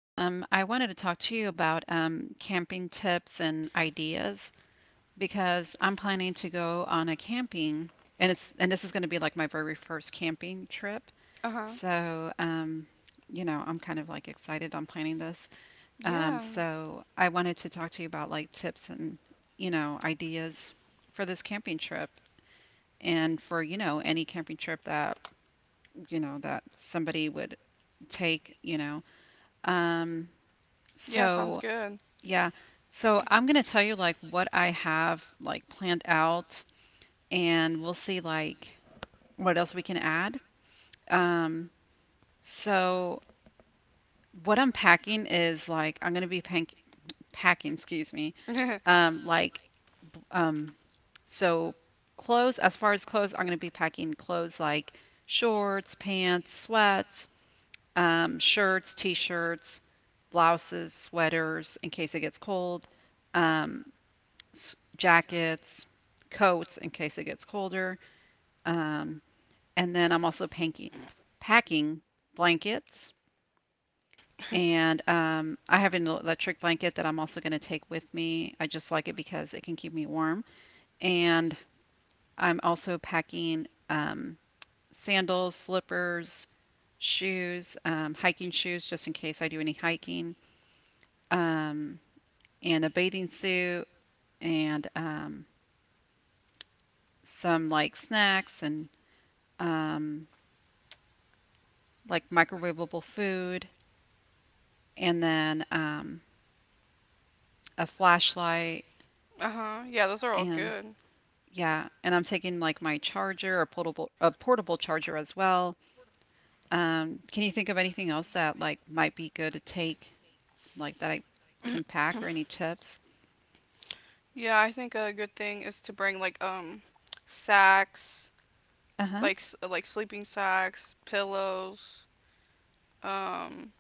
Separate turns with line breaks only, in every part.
I wanted to talk to you about camping tips and ideas because I'm planning to go on a camping, and it's and this is going to be like my very first camping trip.
Uh huh.
So, um, I'm kind of like excited. I'm planning this. Um,
Yeah.
so I wanted to talk to you about like tips and ideas for this camping trip. And for, any camping trip that that somebody would take, Um,
Yeah, sounds
so
good.
yeah, so I'm gonna tell you like what I have like planned out, and we'll see like what else we can add. Um, so what I'm packing is like I'm gonna be pank packing, excuse me, um, like b- um, so clothes. As far as clothes, I'm gonna be packing clothes like shorts, pants, sweats. Shirts, t-shirts, blouses, sweaters in case it gets cold, um, jackets, coats in case it gets colder. Um, and then I'm also packing blankets. And I have an electric blanket that I'm also going to take with me. I just like it because it can keep me warm. And I'm also packing sandals, slippers, shoes, hiking shoes, just in case I do any hiking. Um, and a bathing suit and some like snacks and um, like microwavable food and then a flashlight
Uh huh. Yeah, those are all
and
good.
yeah, and I'm taking like my charger, a portable charger as well. Can you think of anything else that like might be good to take, like that I can pack or any tips?
Yeah, I think a good thing is to bring like sacks,
Uh-huh.
like like sleeping sacks, pillows, um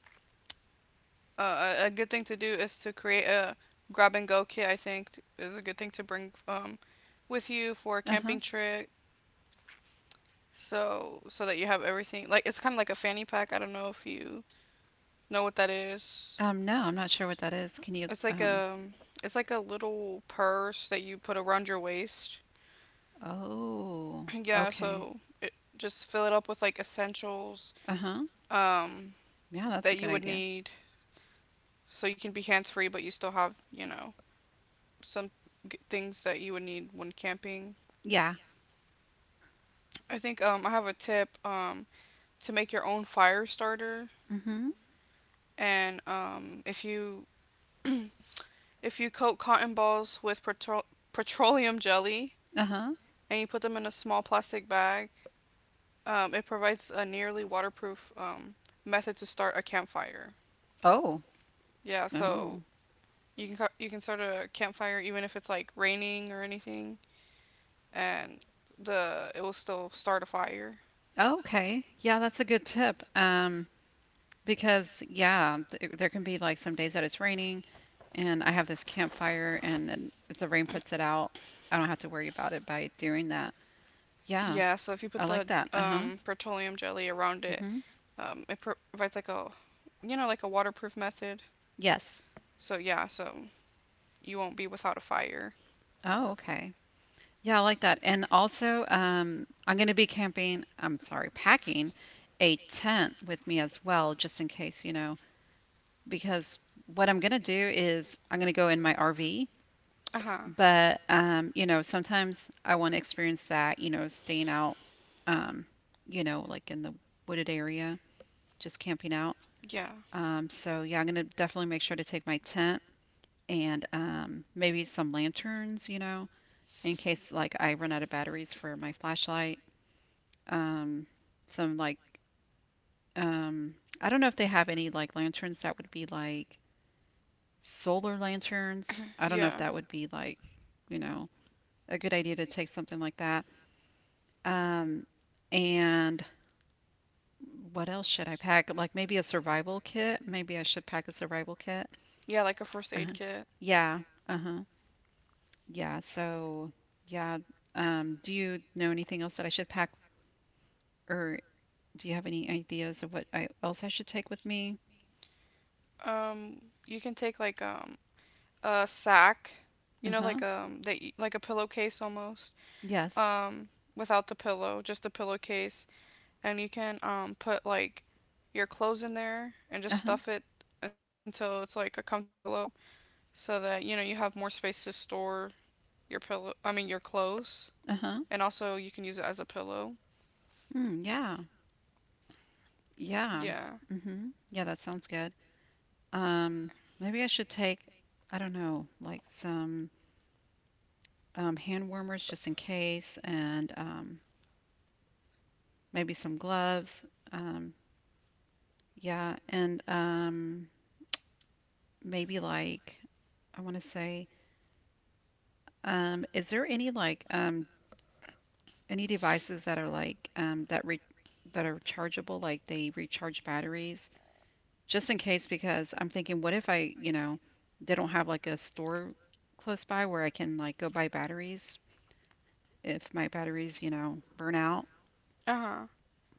a good thing to do is to create a grab and go kit. I think is a good thing to bring with you for a
Uh-huh.
camping trip. So that you have everything. Like it's kind of like a fanny pack. I don't know if you know what that is.
No, I'm not sure what that is. Can you
It's like
um
a it's like a little purse that you put around your waist.
oh,
Yeah.
okay.
So just fill it up with like essentials,
Uh-huh.
um,
Yeah, that's a
that
good
you would
idea.
need, so you can be hands free, but you still have, you know, some things that you would need when camping.
Yeah.
I think, I have a tip, to make your own fire starter,
Mhm.
and if you coat cotton balls with petroleum jelly
Uh-huh.
and you put them in a small plastic bag, it provides a nearly waterproof, method to start a campfire.
Oh.
Yeah, so
Oh.
you you can start a campfire even if it's like raining or anything, and the it will still start a fire.
Okay. Yeah, that's a good tip. Because yeah, th there can be like some days that it's raining and I have this campfire, and then if the rain puts it out, I don't have to worry about it by doing that. Yeah,
Yeah, so if you
I
put
like
the,
that. Uh-huh.
petroleum jelly around it,
Mm-hmm.
it provides like a, you know, like a waterproof method.
Yes.
So yeah, so you won't be without a fire.
Oh, okay. Yeah, I like that. And also, I'm going to be packing a tent with me as well, just in case, you know. Because what I'm going to do is I'm going to go in my RV,
Uh huh.
but you know, sometimes I want to experience that, you know, staying out, um, you know, like in the wooded area, just camping out.
Yeah.
So yeah, I'm going to definitely make sure to take my tent and maybe some lanterns, you know, in case like I run out of batteries for my flashlight. Um, some like um, I don't know if they have any like lanterns that would be like solar lanterns. I don't know if
Yeah.
that would be like, you know, a good idea to take something like that. Um, and what else should I pack? Like maybe a survival kit. Maybe I should pack a survival kit.
Yeah, like a first aid
Uh-huh.
kit.
Yeah. Uh-huh. Yeah. So, yeah. Do you know anything else that I should pack, or do you have any ideas of what else I should take with me?
Um, you can take like a sack, you know,
Uh-huh.
like that like a pillowcase almost.
Yes.
Um, without the pillow, just the pillowcase, and you can put like your clothes in there and just
Uh-huh.
stuff it until it's like a comfortable pillow so that, you know, you have more space to store your pillow. I mean your clothes,
Uh-huh.
and also you can use it as a pillow.
Mm, yeah. Yeah.
Yeah.
Mm-hmm. Yeah, that sounds good. Um, maybe I should take, I don't know, like some hand warmers just in case, and maybe some gloves. Um, yeah, and maybe like, I want to say, is there any like any devices that are like that are rechargeable, like they recharge batteries, just in case? Because I'm thinking, what if I, you know, they don't have like a store close by where I can like go buy batteries? If my batteries, you know, burn out,
Uh huh.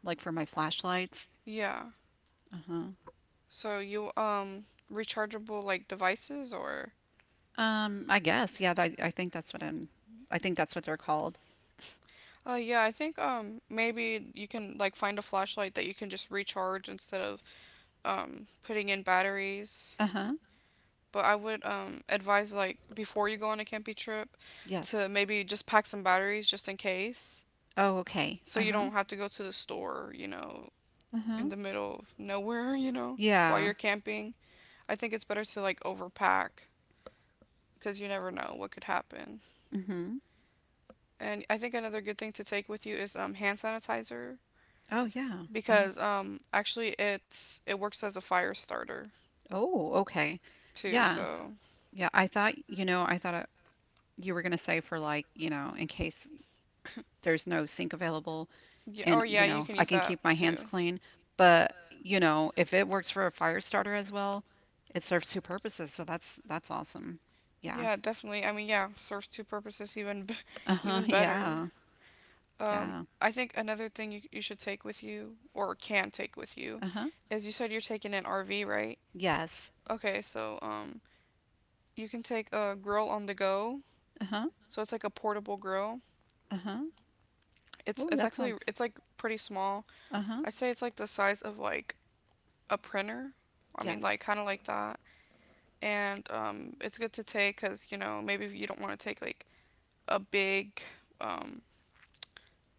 like for my flashlights.
Yeah.
Uh huh.
So you rechargeable like devices or
I guess, yeah, I think that's what I'm, I think that's what they're called.
yeah, I think maybe you can like find a flashlight that you can just recharge instead of putting in batteries.
Uh huh.
But I would advise, like, before you go on a camping trip, to
Yes.
maybe just pack some batteries just in case
Oh, okay.
so
Uh
you
huh.
don't have to go to the store, you know,
Uh
in
huh.
the middle of nowhere, you know, while
Yeah.
you're camping. I think it's better to like overpack because you never know what could happen.
Mm hmm.
And I think another good thing to take with you is, hand sanitizer
Oh, yeah. Uh huh.
because actually it works as a fire starter
Oh, okay.
too,
Yeah.
so
Yeah. I thought, you know, I thought you were going to say for like, you know, in case there's no sink available,
yeah.
and
Or
you
yeah, you
know,
can
I
use
can
that
keep my hands
too.
clean. But you know, if it works for a fire starter as well, it serves two purposes. So that's awesome. Yeah.
Yeah, definitely. I mean, yeah, serves two purposes. Even
Uh-huh.
even better.
Yeah.
Um,
Yeah.
I think another thing you, should take with you or can take with you
Uh-huh.
is, you said you're taking an RV, right?
Yes.
Okay, so, you can take a grill on the go.
Uh-huh.
So it's like a portable grill.
Uh-huh. Ooh,
It's
that
actually
sounds.
it's like pretty small.
Uh-huh.
I'd say it's like the size of like a printer. I mean, like
Yes.
kind of like that. And, it's good to take because, you know, maybe if you don't want to take like a big, um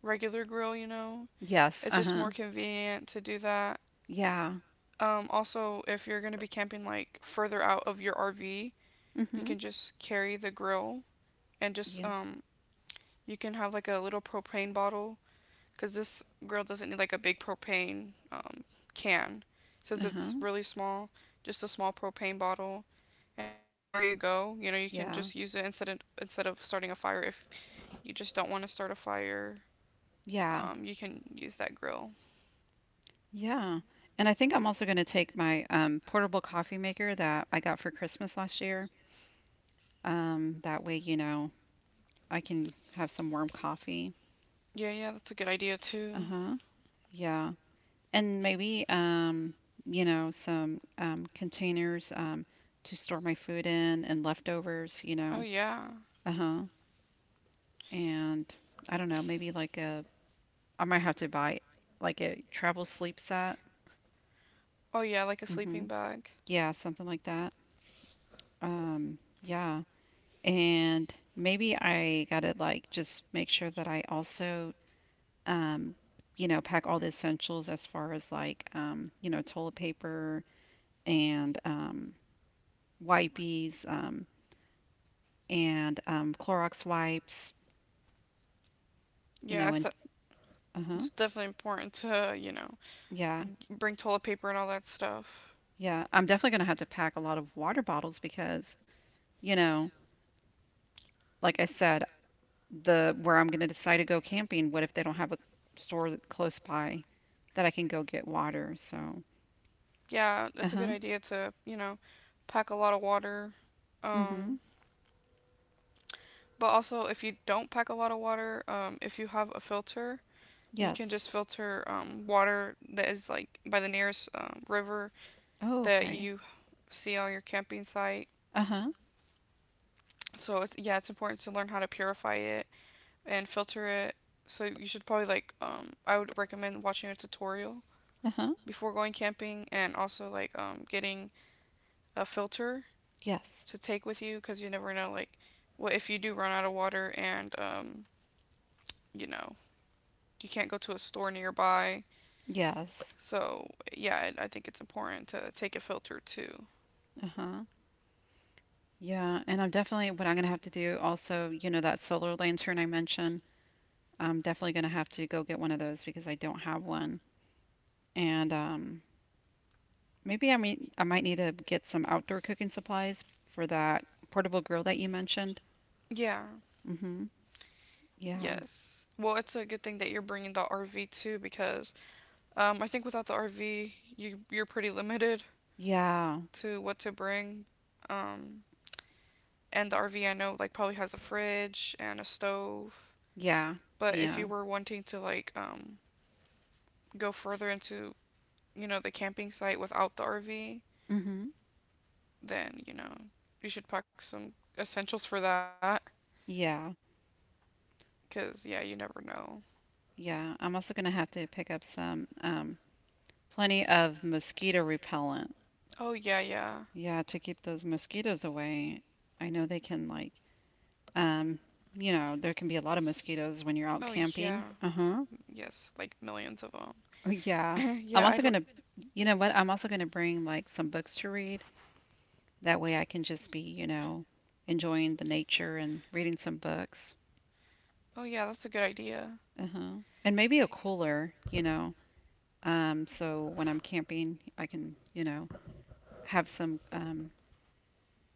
regular grill. You know,
Yes.
it's just more
Uh-huh.
convenient to do that.
Yeah.
Also, if you're gonna be camping like further out of your RV, you
Mm-hmm.
can just carry the grill and just
Yes.
you can have like a little propane bottle because this grill doesn't need like a big propane, can, since
Uh-huh.
it's really small. Just a small propane bottle, and anywhere you go, you know, you can just
Yeah.
use it instead of starting a fire. If you just don't want to start a fire,
Yeah.
you can use that grill.
Yeah. And I think I'm also going to take my portable coffee maker that I got for Christmas last year. That way, you know, I can have some warm coffee.
Yeah, yeah, that's a good idea too.
Uh-huh. Yeah. And maybe you know, some containers to store
Just
my
store my
food
food
in
in
and
and
leftovers, you
leftovers. Oh
know.
yeah.
Uh-huh. And I don't know, maybe like a I might have to buy like a travel sleep set.
Oh yeah, like a
Mm-hmm.
sleeping bag.
Yeah, something like that. Yeah. And maybe I gotta like just make sure that I also um, you know, pack all the essentials as far as like, you know, toilet paper and wipies and Clorox wipes, you
Yeah,
know, and uh huh.
it's definitely important to, you know,
Yeah.
bring toilet paper and all that stuff.
Yeah. I'm definitely going to have to pack a lot of water bottles because, you know, like I said, the where I'm going to decide to go camping, what if they don't have a store that close by that I can go get water? So,
Yeah,
uh
it's a good
huh.
idea to, you know, pack a lot of water.
Mm hmm.
Um, but also, if you don't pack a lot of water, if you have a filter, you can
Yes.
just filter, water that is like by the nearest, river
Oh,
that
okay.
you see on your camping site.
Uh huh.
So it's yeah, it's important to learn how to purify it and filter it. So you should probably like, I would recommend watching a tutorial
Uh huh.
before going camping and also like, getting a filter
Yes.
to take with you because you never know, like, what if you do run out of water and you know you can't go to a store nearby?
Yes.
So yeah, I think it's important to take a filter too.
Uh-huh. Yeah, and I'm definitely what I'm gonna have to do also, you know, that solar lantern I mentioned, I'm definitely gonna have to go get one of those because I don't have one. And maybe I mean I might need to get some outdoor cooking supplies for that portable grill that you mentioned.
Yeah,
Mm-hmm. Yeah.
yes, well, it's a good thing that you're bringing the RV too because I think without the RV you're pretty limited
Yeah.
to what to bring, um and the RV, I know, like, probably has a fridge and a stove,
Yeah.
but if you
Yeah.
were wanting to like go further into, you know, the camping site without the RV,
Mm-hmm.
then, you know, you should pack some essentials for that.
Yeah.
Because, yeah, you never know.
Yeah. I'm also gonna have to pick up some plenty of mosquito repellent.
Oh, yeah, yeah.
Yeah, to keep those mosquitoes away. I know they can like um, you know, there can be a lot of mosquitoes when you're out
Oh, yeah.
camping. Uh-huh.
Yes, like millions of them.
Oh, yeah. I'm
Yeah,
also
I'd.
you know what? I'm also gonna bring like some books to read. That way I can just be, you know, enjoying the nature and reading some books.
Oh, yeah, that's a good idea.
Uh-huh. And maybe a cooler, you know, so when I'm camping, I can, you know, have some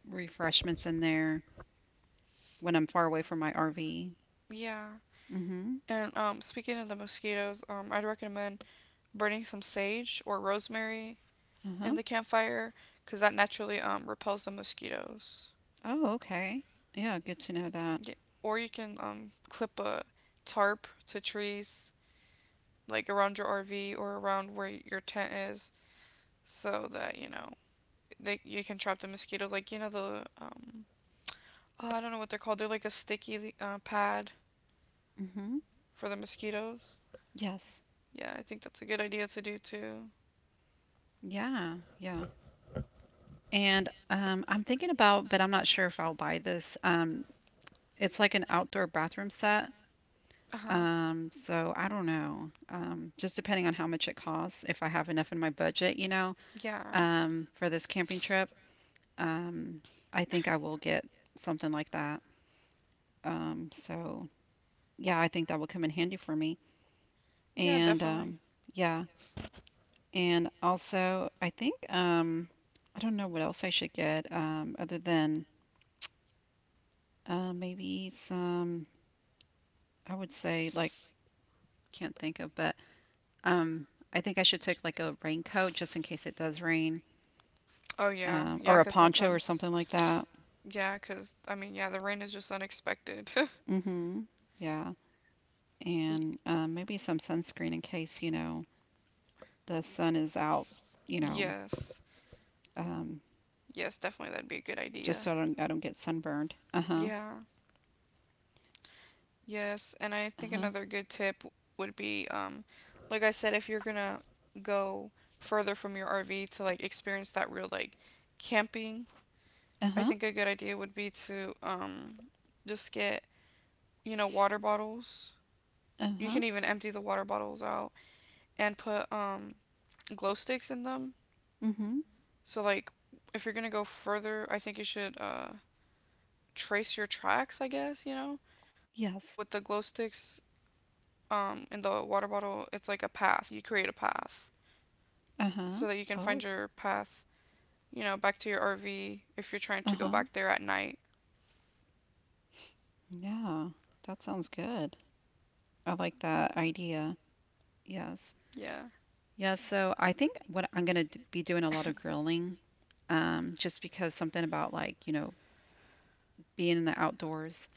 refreshments in there when I'm far away from my RV.
Yeah.
Mm-hmm.
And, speaking of the mosquitoes, I'd recommend burning some sage or rosemary in
Uh-huh.
the campfire because that naturally, repels the mosquitoes.
Oh, okay. Yeah, good to know that.
Yeah, or you can, clip a tarp to trees, like around your RV or around where your tent is, so that you know they you can trap the mosquitoes. Like, you know, the, oh, I don't know what they're called. They're like a sticky, pad
Mm-hmm.
for the mosquitoes.
Yes.
Yeah, I think that's a good idea to do too.
Yeah, yeah. And I'm thinking about, but I'm not sure if I'll buy this. It's like an outdoor bathroom set.
Uh huh.
So I don't know. Just depending on how much it costs, if I have enough in my budget, you know,
Yeah.
for this camping trip, um, I think I will get something like that. So yeah, I think that will come in handy for me.
Yeah,
And
definitely.
yeah, also I think I don't know what else I should get other than. Maybe some, I would say, like, can't think of, but um, I think I should take like a raincoat just in case it does rain,
Oh yeah, yeah.
or a
Cause
poncho or
sometimes,
something like that.
yeah. Cause I mean, yeah. The rain is just unexpected.
Mm-hmm. Yeah.
Y-
And maybe some sunscreen in case, you know, the sun is out, you know,
yes,
um,
yes. Definitely, that'd be a good
just
idea.
so I don't get sunburned. Uh-huh.
Yeah. Yes, and I think
Uh-huh.
another good tip would be, like I said, if you're gonna go further from your RV to like experience that real like camping, I
Uh-huh.
think a good idea would be to just get, you know, water bottles. You
Uh-huh.
can even empty the water bottles out and put glow sticks in them.
Mm-hmm.
So like if you're gonna go further, I think you should trace your tracks, I guess, you know? So with
Yes.
the glow sticks in the water bottle, it's like a path. You create a path
Uh-huh.
so that you can
Oh.
find your path, you know, back to your RV if you're trying to go
Uh-huh.
back there at night.
Yeah. That sounds good. I like that idea. Yes.
Yeah.
Yeah, so I think what I'm gonna be doing a lot of grilling, just because something about like, you know, being in the outdoors.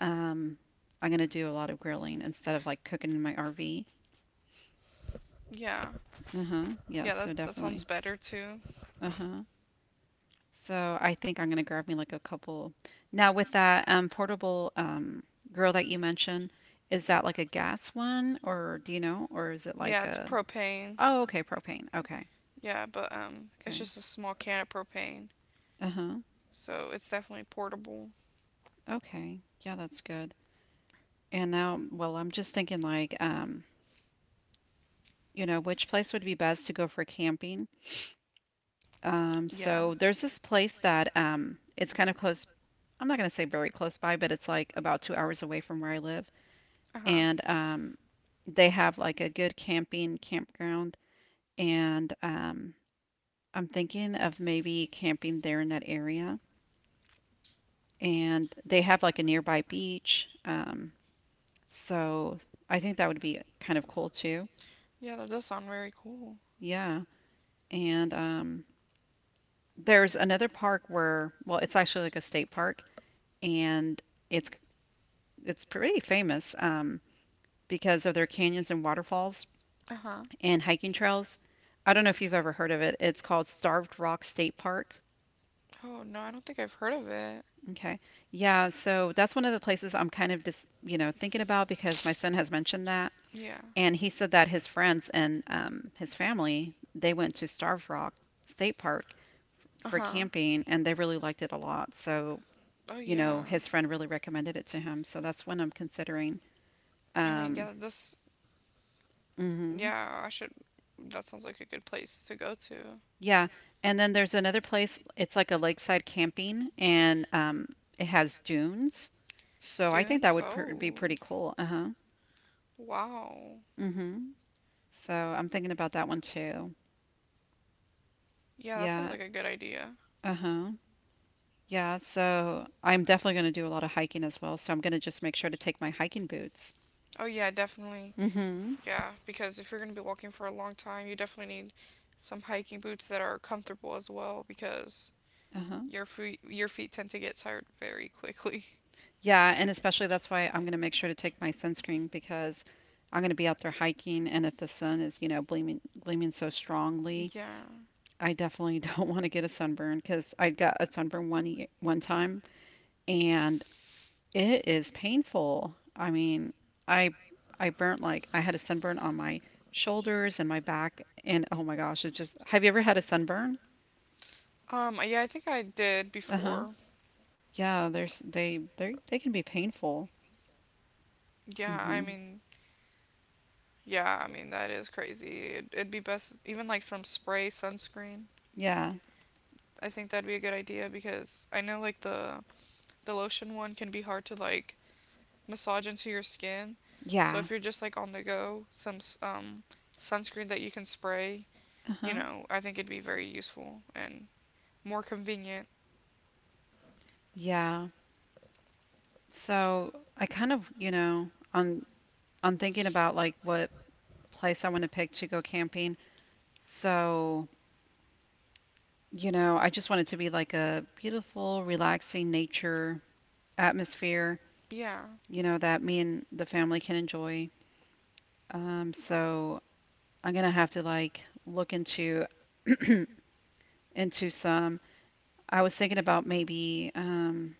Um, I'm gonna do a lot of grilling instead of like cooking in my RV.
Yeah.
Uh-huh. Yeah,
Yeah,
so
that sounds
definitely.
better too.
Uh-huh. So I think I'm gonna grab me like a couple. Now with that portable grill that you mentioned, is that like a gas one or do you know, or is it
Yeah,
like
it's
a
propane.
oh, okay, propane. Okay.
Yeah, but, it's
Okay.
just a small can of propane,
Uh-huh.
so it's definitely portable.
Okay. Yeah, that's good. And now, well, I'm just thinking like, you know, which place would be best to go for camping? Um,
Yeah.
so there's this place that it's kind of close. I'm not going to say very close by, but it's like about 2 hours away from where I live,
Um. Uh huh. And
and they have like a good camping campground. And I'm thinking of maybe camping there in that area. And they have like a nearby beach. So I think that would be kind of cool too.
yeah, that does sound very cool.
Yeah. And there's another park where, well, it's actually like a state park, and it's it's pretty famous because of their canyons and waterfalls
Uh huh.
and hiking trails. I don't know if you've ever heard of it. It's called Starved Rock State Park.
Oh no, I don't think I've heard of it.
Okay. Yeah, so that's one of the places I'm kind of just, you know, thinking about because my son has mentioned that,
Yeah.
and he said that his friends and his family, they went to Starved Rock State Park
Uh
for
huh.
camping and they really liked it a lot. So
Lot. So oh
you know,
yeah.
his friend really recommended it to him. So that's one I'm considering.
I mean,
Um,
yeah. This.
hmm
Yeah, I should. That sounds like a good place to go to.
Yeah. And then there's another place. It's like a lakeside camping and it has dunes. So
Yeah,
I
I.
think that
Dunes. Think it's
would
gonna
pr be pretty
be. Oh.
cool. Uh-huh.
Uh-huh. Wow.
hmm So I'm thinking about that one too.
Yeah, that sounds
Yeah.
like a good idea.
Uh-huh. Yeah. So I'm definitely going to do a lot of hiking as well. So I'm going to just make sure to take my hiking boots.
Oh yeah, definitely.
Mm-hmm.
Yeah, because if you're going to be walking for a long time, you definitely need some hiking boots that are comfortable as well because
Uh-huh.
your feet tend to get tired very quickly.
Yeah, and especially that's why I'm going to make sure to take my sunscreen because I'm going to be out there hiking, and if the sun is, you know, gleaming so strongly,
Yeah.
I definitely don't want to get a sunburn because I got a sunburn one time, and it is painful. I mean, I I burnt like I had a sunburn on my shoulders and my back, and oh my gosh, it just. Have you ever had a sunburn?
Um, yeah, I think I did
Uh-huh.
before.
Yeah, there's they can be painful.
Yeah, I
hmm
mean, yeah, I mean that is crazy. It'd be best even like some spray sunscreen.
Yeah.
I think that'd be a good idea because I know like the lotion one can be hard to like massage into your skin. So
Yeah.
if you're just like on the go, some, um, sunscreen that you can spray, you
Uh-huh.
know, I think it'd be very useful and more convenient.
Yeah. So I kind of, you know, I'm thinking about like what place I want to pick to go camping. So, you know, I just want it to be like a beautiful, relaxing nature atmosphere,
Yeah,
you know, that me and the family can enjoy. So I'm gonna have to like look into into some. I was thinking about maybe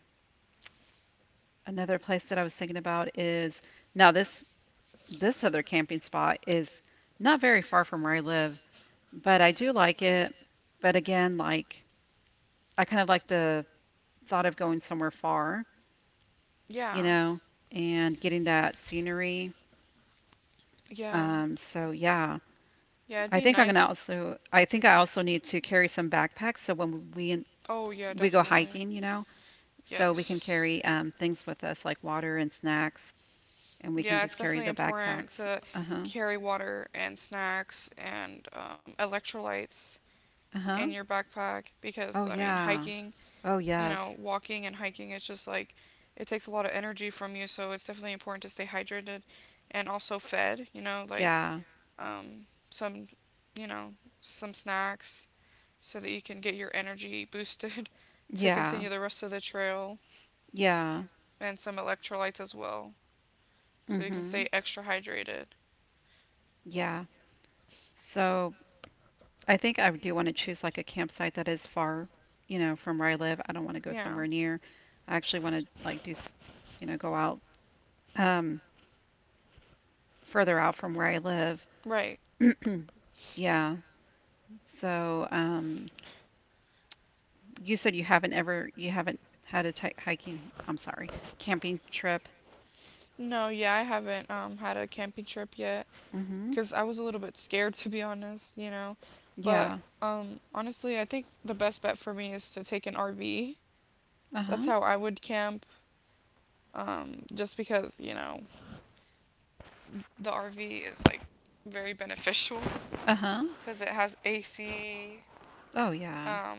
another place that I was thinking about is now this other camping spot is not very far from where I live. But I do like it. But again, like I kind of like the thought of going somewhere far, you
yeah,
know, and getting that scenery.
yeah,
So yeah,
yeah. It'd
I
be
think I'm gonna
nice.
also. I think I also need to carry some backpacks so when we
Oh yeah,
we go
definitely.
hiking, you know, so we can
Yes.
carry things with us like water and snacks, and we can
Yeah,
just
it's
carry
definitely
the
important
backpacks.
to
Uh huh.
carry water and snacks and, electrolytes
Uh huh.
in your backpack
Oh
because I mean
yeah.
hiking,
Oh
you know,
yes.
walking and hiking, it's just like it takes a lot of energy from you, so it's definitely important to stay hydrated and also fed, you know, like
Yeah.
some, you know, some snacks so that you can get your energy boosted to
Yeah.
continue the rest of the trail
Yeah.
and some electrolytes as well so you can stay
Mhm.
extra hydrated.
Yeah. So I think I do want to choose like a campsite that is far, you know, from where I live. I don't want to go
Yeah.
somewhere near. I actually want to like you know, go out um, further out from where I live.
Right.
Yeah. So, you said you haven't ever, you haven't had a ti hiking, I'm sorry, camping trip.
No, yeah, I haven't had a camping trip yet
Mm-hmm.
cuz I was a little bit scared to be honest, you know. But
Yeah.
honestly, I think the best bet for me is to take an RV. That's
Uh-huh.
how I would camp just because, you know, the RV is like very beneficial
Uh-huh.
cuz it has AC,
Oh, yeah.
um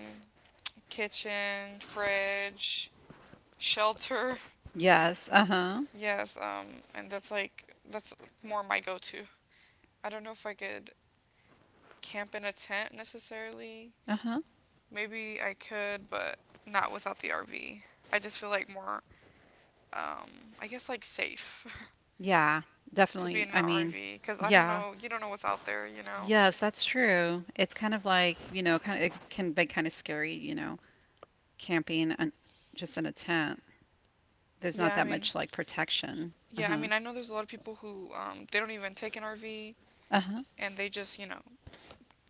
kitchen, fridge, shelter.
Yes. Uh-huh.
Yes, and that's more my go-to. I don't know if I could camp in a tent necessarily.
Uh-huh.
Maybe I could, but not without the RV. I just feel like more, um, I guess like safe
Yeah.
to be
Definitely.
in an
I mean,
RV because I don't
yeah.
know, you don't know what's out there, you know?
Yes, that's true. It's kind of like, you know, kind of, it can be kind of scary, you know, camping and just in a tent. There's not
Yeah, I
that
mean,
much like protection.
yeah, I
Uh-huh.
mean, I know there's a lot of people who they don't even take an RV
Uh-huh.
and they just, you know,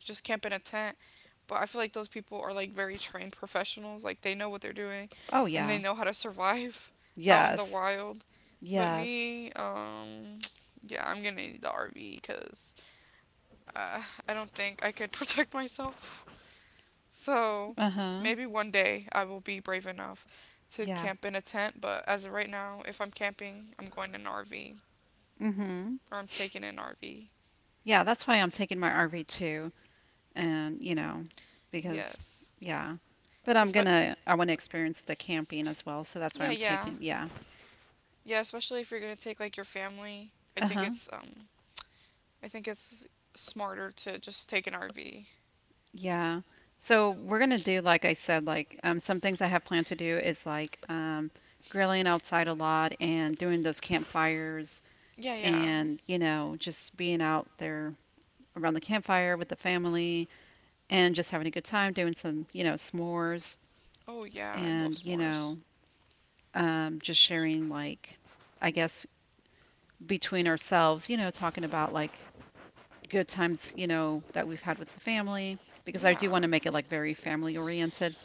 just camp in a tent. But I feel like those people are like very trained professionals. Like they know what they're doing,
Oh
and they
yeah.
know how to survive out in the
Yes.
wild. But
Yes.
me, yeah, I'm gonna need the RV because uh, I don't think I could protect myself. So
Uh-huh.
maybe one day I will be brave enough to
Yeah.
camp in a tent. But as of right now, if I'm camping, I'm going in an RV
Mm-hmm.
or I'm taking an RV.
Yeah, that's why I'm taking my RV too. And, you know, because
Yes.
yeah. But
Because Espe-
I want to experience the camping as well, so that's
well. So
why
yeah,
I'm
yeah.
taking yeah.
Yeah, especially if you're gonna take like your family. I think
Uh-huh.
it's smarter to just take an RV.
Yeah. So we're gonna do, like I said, like some things I have planned to do is like grilling outside a lot and doing those campfires
Yeah, yeah.
and, you know, just being out there around the campfire with the family and just having a good time doing some, you know, s'mores
Oh yeah, I love
and, you
s'mores.
know, just sharing like, I guess between ourselves, you know, talking about like good times, you know, that we've had with the family because I
Yeah.
do want to make it like very family oriented.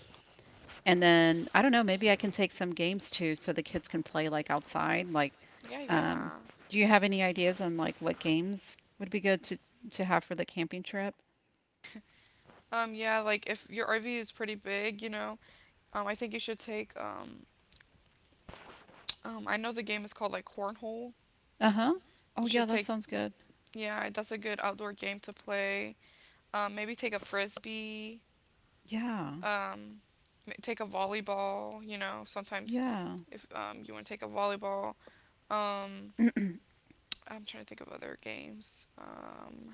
And then I don't know, maybe I can take some games too so the kids can play like outside. Like,
Yeah,
um,
yeah.
do you have any ideas on like what games would be good to have for the camping trip?
Yeah, like if your RV is pretty big, you know, um, I think you should take I know the game is called like Cornhole.
Uh-huh. Oh
You
yeah,
should
that
take,
sounds good.
yeah, that's a good outdoor game to play. Maybe take a frisbee,
Yeah.
um, take a volleyball, you know, sometimes
Yeah.
if you want to take a volleyball. Um, I'm trying to think of other games.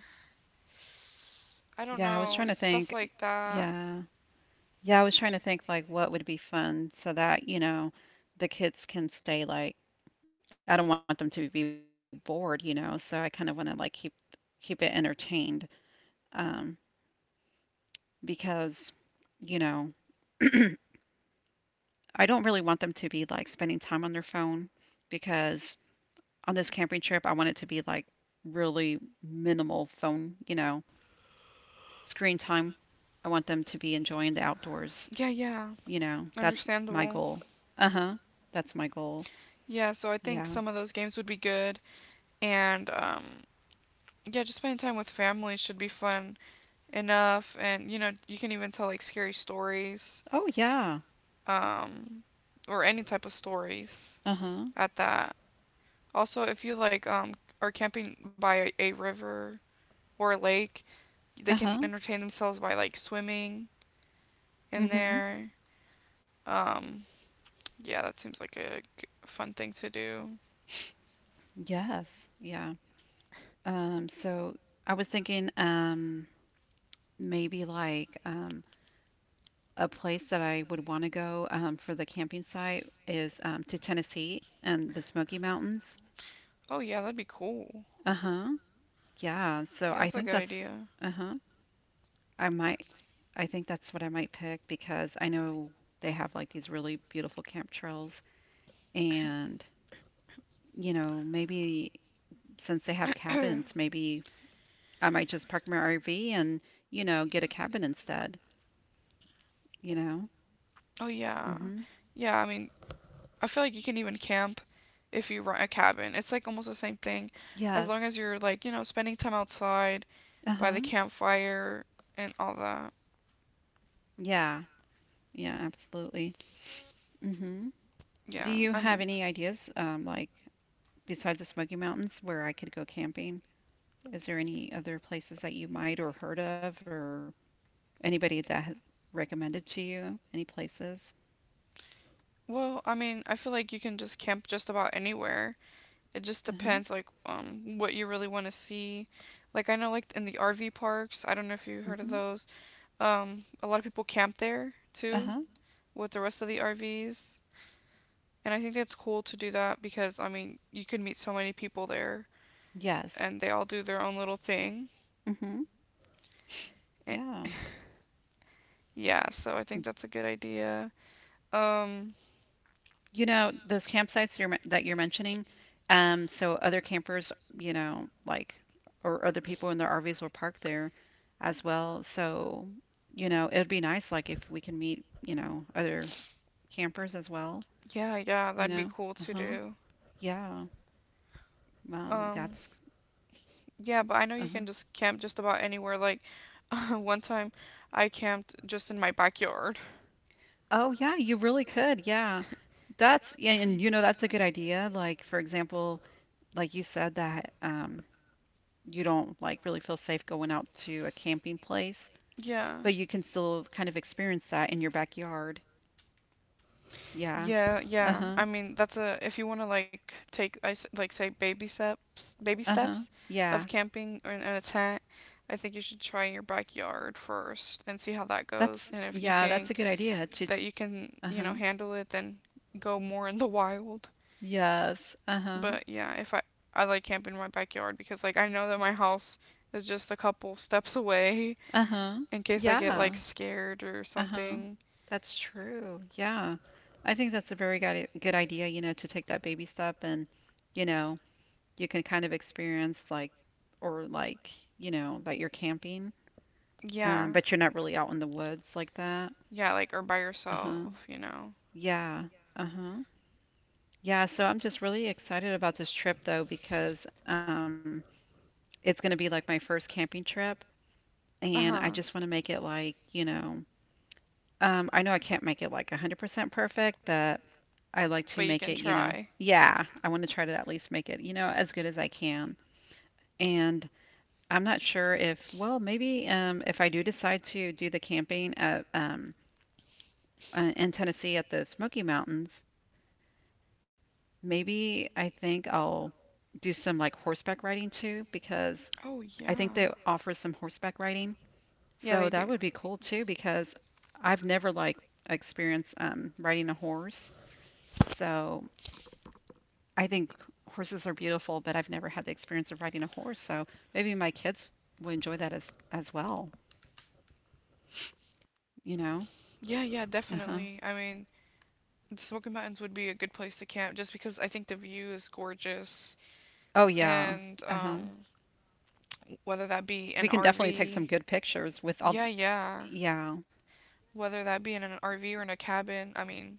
I don't
Yeah, I
know,
was trying to
stuff
think.
like that.
Yeah. Yeah, I was trying to think like what would be fun so that, you know, the kids can stay like I don't want them to be bored, you know, so I kind of want to like keep it entertained um because, you know, I don't really want them to be like spending time on their phone because on this camping trip, I want it to be like really minimal phone, you know, screen time. I want them to be enjoying the outdoors,
Yeah, yeah,
you know. That's my
understandable.
goal. Uh-huh. That's my goal.
Yeah, so I think
Yeah.
some of those games would be good. And yeah, just spending time with family should be fun enough. And you know, you can even tell like scary stories
Oh yeah.
um, or any type of stories
Uh-huh.
at that. Also, if you like are camping by a river or a lake, they can
Uh-huh.
entertain themselves by like swimming in
Mm-hmm.
there. Um, yeah, that seems like a fun thing to do.
Yes. Yeah. So I was thinking maybe like a place that I would want to go for the camping site is to Tennessee and the Smoky Mountains.
Oh yeah, that'd be cool.
Uh huh. Yeah. So
Yeah,
I
that's a
think
good
that's,
idea.
uh huh. I might, I think that's what I might pick because I know they have like these really beautiful camp trails. And, you know, maybe since they have
Oh
cabins, maybe I might just park my RV and, you know, get a cabin instead, you know?
yeah,
Mm-hmm.
yeah. I mean, I feel like you can even camp if you rent a cabin. It's like almost the same thing, as long
Yes.
as you're like you know spending time outside
Uh
by the
huh.
campfire and all that.
Yeah. Yeah, absolutely. hmm Do
Yeah,
you
I
have
mean,
any ideas, like besides the Smoky Mountains, where I could go camping? Is there any other places that you might or heard of, or anybody that has recommended to you? Any places?
well, I mean, I feel like you can just camp just about anywhere. It just
Uh-huh.
depends, like, what you really want to see. Like, I know, like, in the RV parks, I don't know if you heard of
hmm
those. A lot of people camp there too
Uh-huh.
with the rest of the RVs. And I think that's cool to do that because, I mean, you could meet so many people there and
Yes.
they all do their own little thing.
hmm
Eh,
Yeah.
Yeah, so I think that's a good idea. Um,
You know, those campsites you're, that you're mentioning, so other campers, you know, like, or other people in their RVs will park there as well. So, you know, it would be nice, like, if we can meet, you know, other campers as well,
Yeah, yeah,
you
that'd be
know?
cool to
Uh-huh.
do.
Yeah. Wow,
Um,
that's,
yeah, but I know you
uh-huh.
can just camp just about anywhere. Like, one time I camped just in my backyard.
Oh, yeah, you really could. Yeah. That's, yeah, and you know, that's a good idea. Like, for example, like you said that, you don't like really feel safe going out to a camping place.
Yeah.
But you can still kind of experience that in your backyard. Yeah.
Yeah, yeah.
Uh-huh.
I mean, that's a if you want to like take like say baby steps, baby
Uh-huh.
steps of
Yeah.
camping in a tent, I think you should try in your backyard first and see how that goes.
That's
And if you
yeah, that's a
think
good idea to
that you can, you know,
uh-huh.
handle it, then go more in the wild.
Yes. Uh-huh.
But yeah, if I I like camping in my backyard because like I know that my house is just a couple steps away
Uh-huh.
in case I get like
Yeah.
scared or
Uh-huh.
something.
That's true. Yeah. I think that's a very good idea, you know, to take that baby step and, you know, you can kind of experience like or like, you know, that you're camping,
Yeah.
but you're not really out in the woods like that.
Yeah, like or by
Uh-huh.
yourself, you know.
Yeah. Uh-huh. Yeah, so I'm just really excited about this trip though because it's going to be like my first camping trip and I just want
Uh-huh.
to make it like, you know, I know I can't make it like 100% perfect, but I like to
But you
make
can
it, you know.
try.
Yeah, I want to try to at least make it, you know, as good as I can. And I'm not sure if, well, maybe if I do decide to do the camping at in Tennessee at the Smoky Mountains, maybe I think I'll do some like horseback riding too because
Oh
I
yeah.
think they offer some horseback riding.
Yeah, they
So
do.
that would be cool too because I've never like experienced riding a horse. So I think horses are beautiful, but I've never had the experience of riding a horse. So maybe my kids would enjoy that as well, you know?
Yeah, yeah, definitely. I
Uh-huh.
mean, the Smoky Mountains would be a good place to camp just because I think the view is gorgeous
Oh
and
yeah. Uh-huh.
whether that be an
We can definitely take some
RV.
good pictures with all
Yeah, yeah.
yeah.
Whether that be in an RV or in a cabin,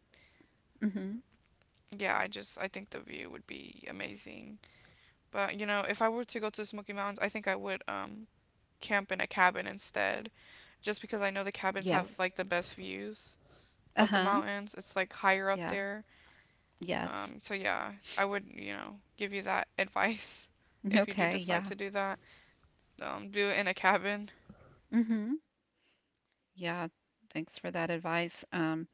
Mm-hmm.
yeah, I just I think the view would be amazing. But you know, if I were to go to the Smoky Mountains, I think I would camp in a cabin instead, just because I know the cabins have
Yes.
like the best views of the
Uh-huh.
mountains. It's like higher up
Yeah.
there.
Yes.
So yeah, I would you know give you that advice if you do
Okay,
decide
yeah.
to do that. Do it in a cabin.
Mm-hmm. Yeah. Thanks for that advice. Um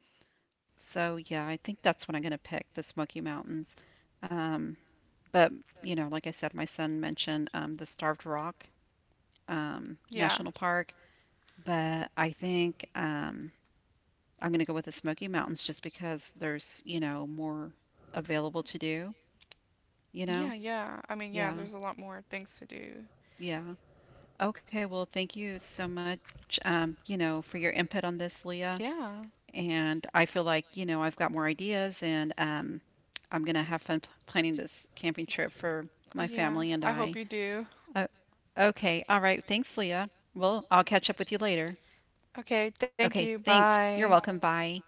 So yeah, I think that's what I'm going to pick, the Smoky Mountains. Um, but you know, like I said, my son mentioned the Starved Rock
Yeah.
National Park, but I think I'm going to go with the Smoky Mountains just because there's, you know, more available to do,
Yeah,
you know?
yeah. I mean, yeah, there's a lot
Yeah,
more things to do.
yeah. Okay, well, thank you so much, you know, for your input on this, Leah,
Yeah.
and I feel like, you know, I've got more ideas and I'm going to have fun planning this camping trip for
Oh,
my
yeah.
family and
I hope
I.
you do.
Uh, okay. All right. Thanks, Leah. Well, I'll catch up with you later.
Okay, thank
Okay.
you.
Thanks. You're
Bye.
welcome. Bye.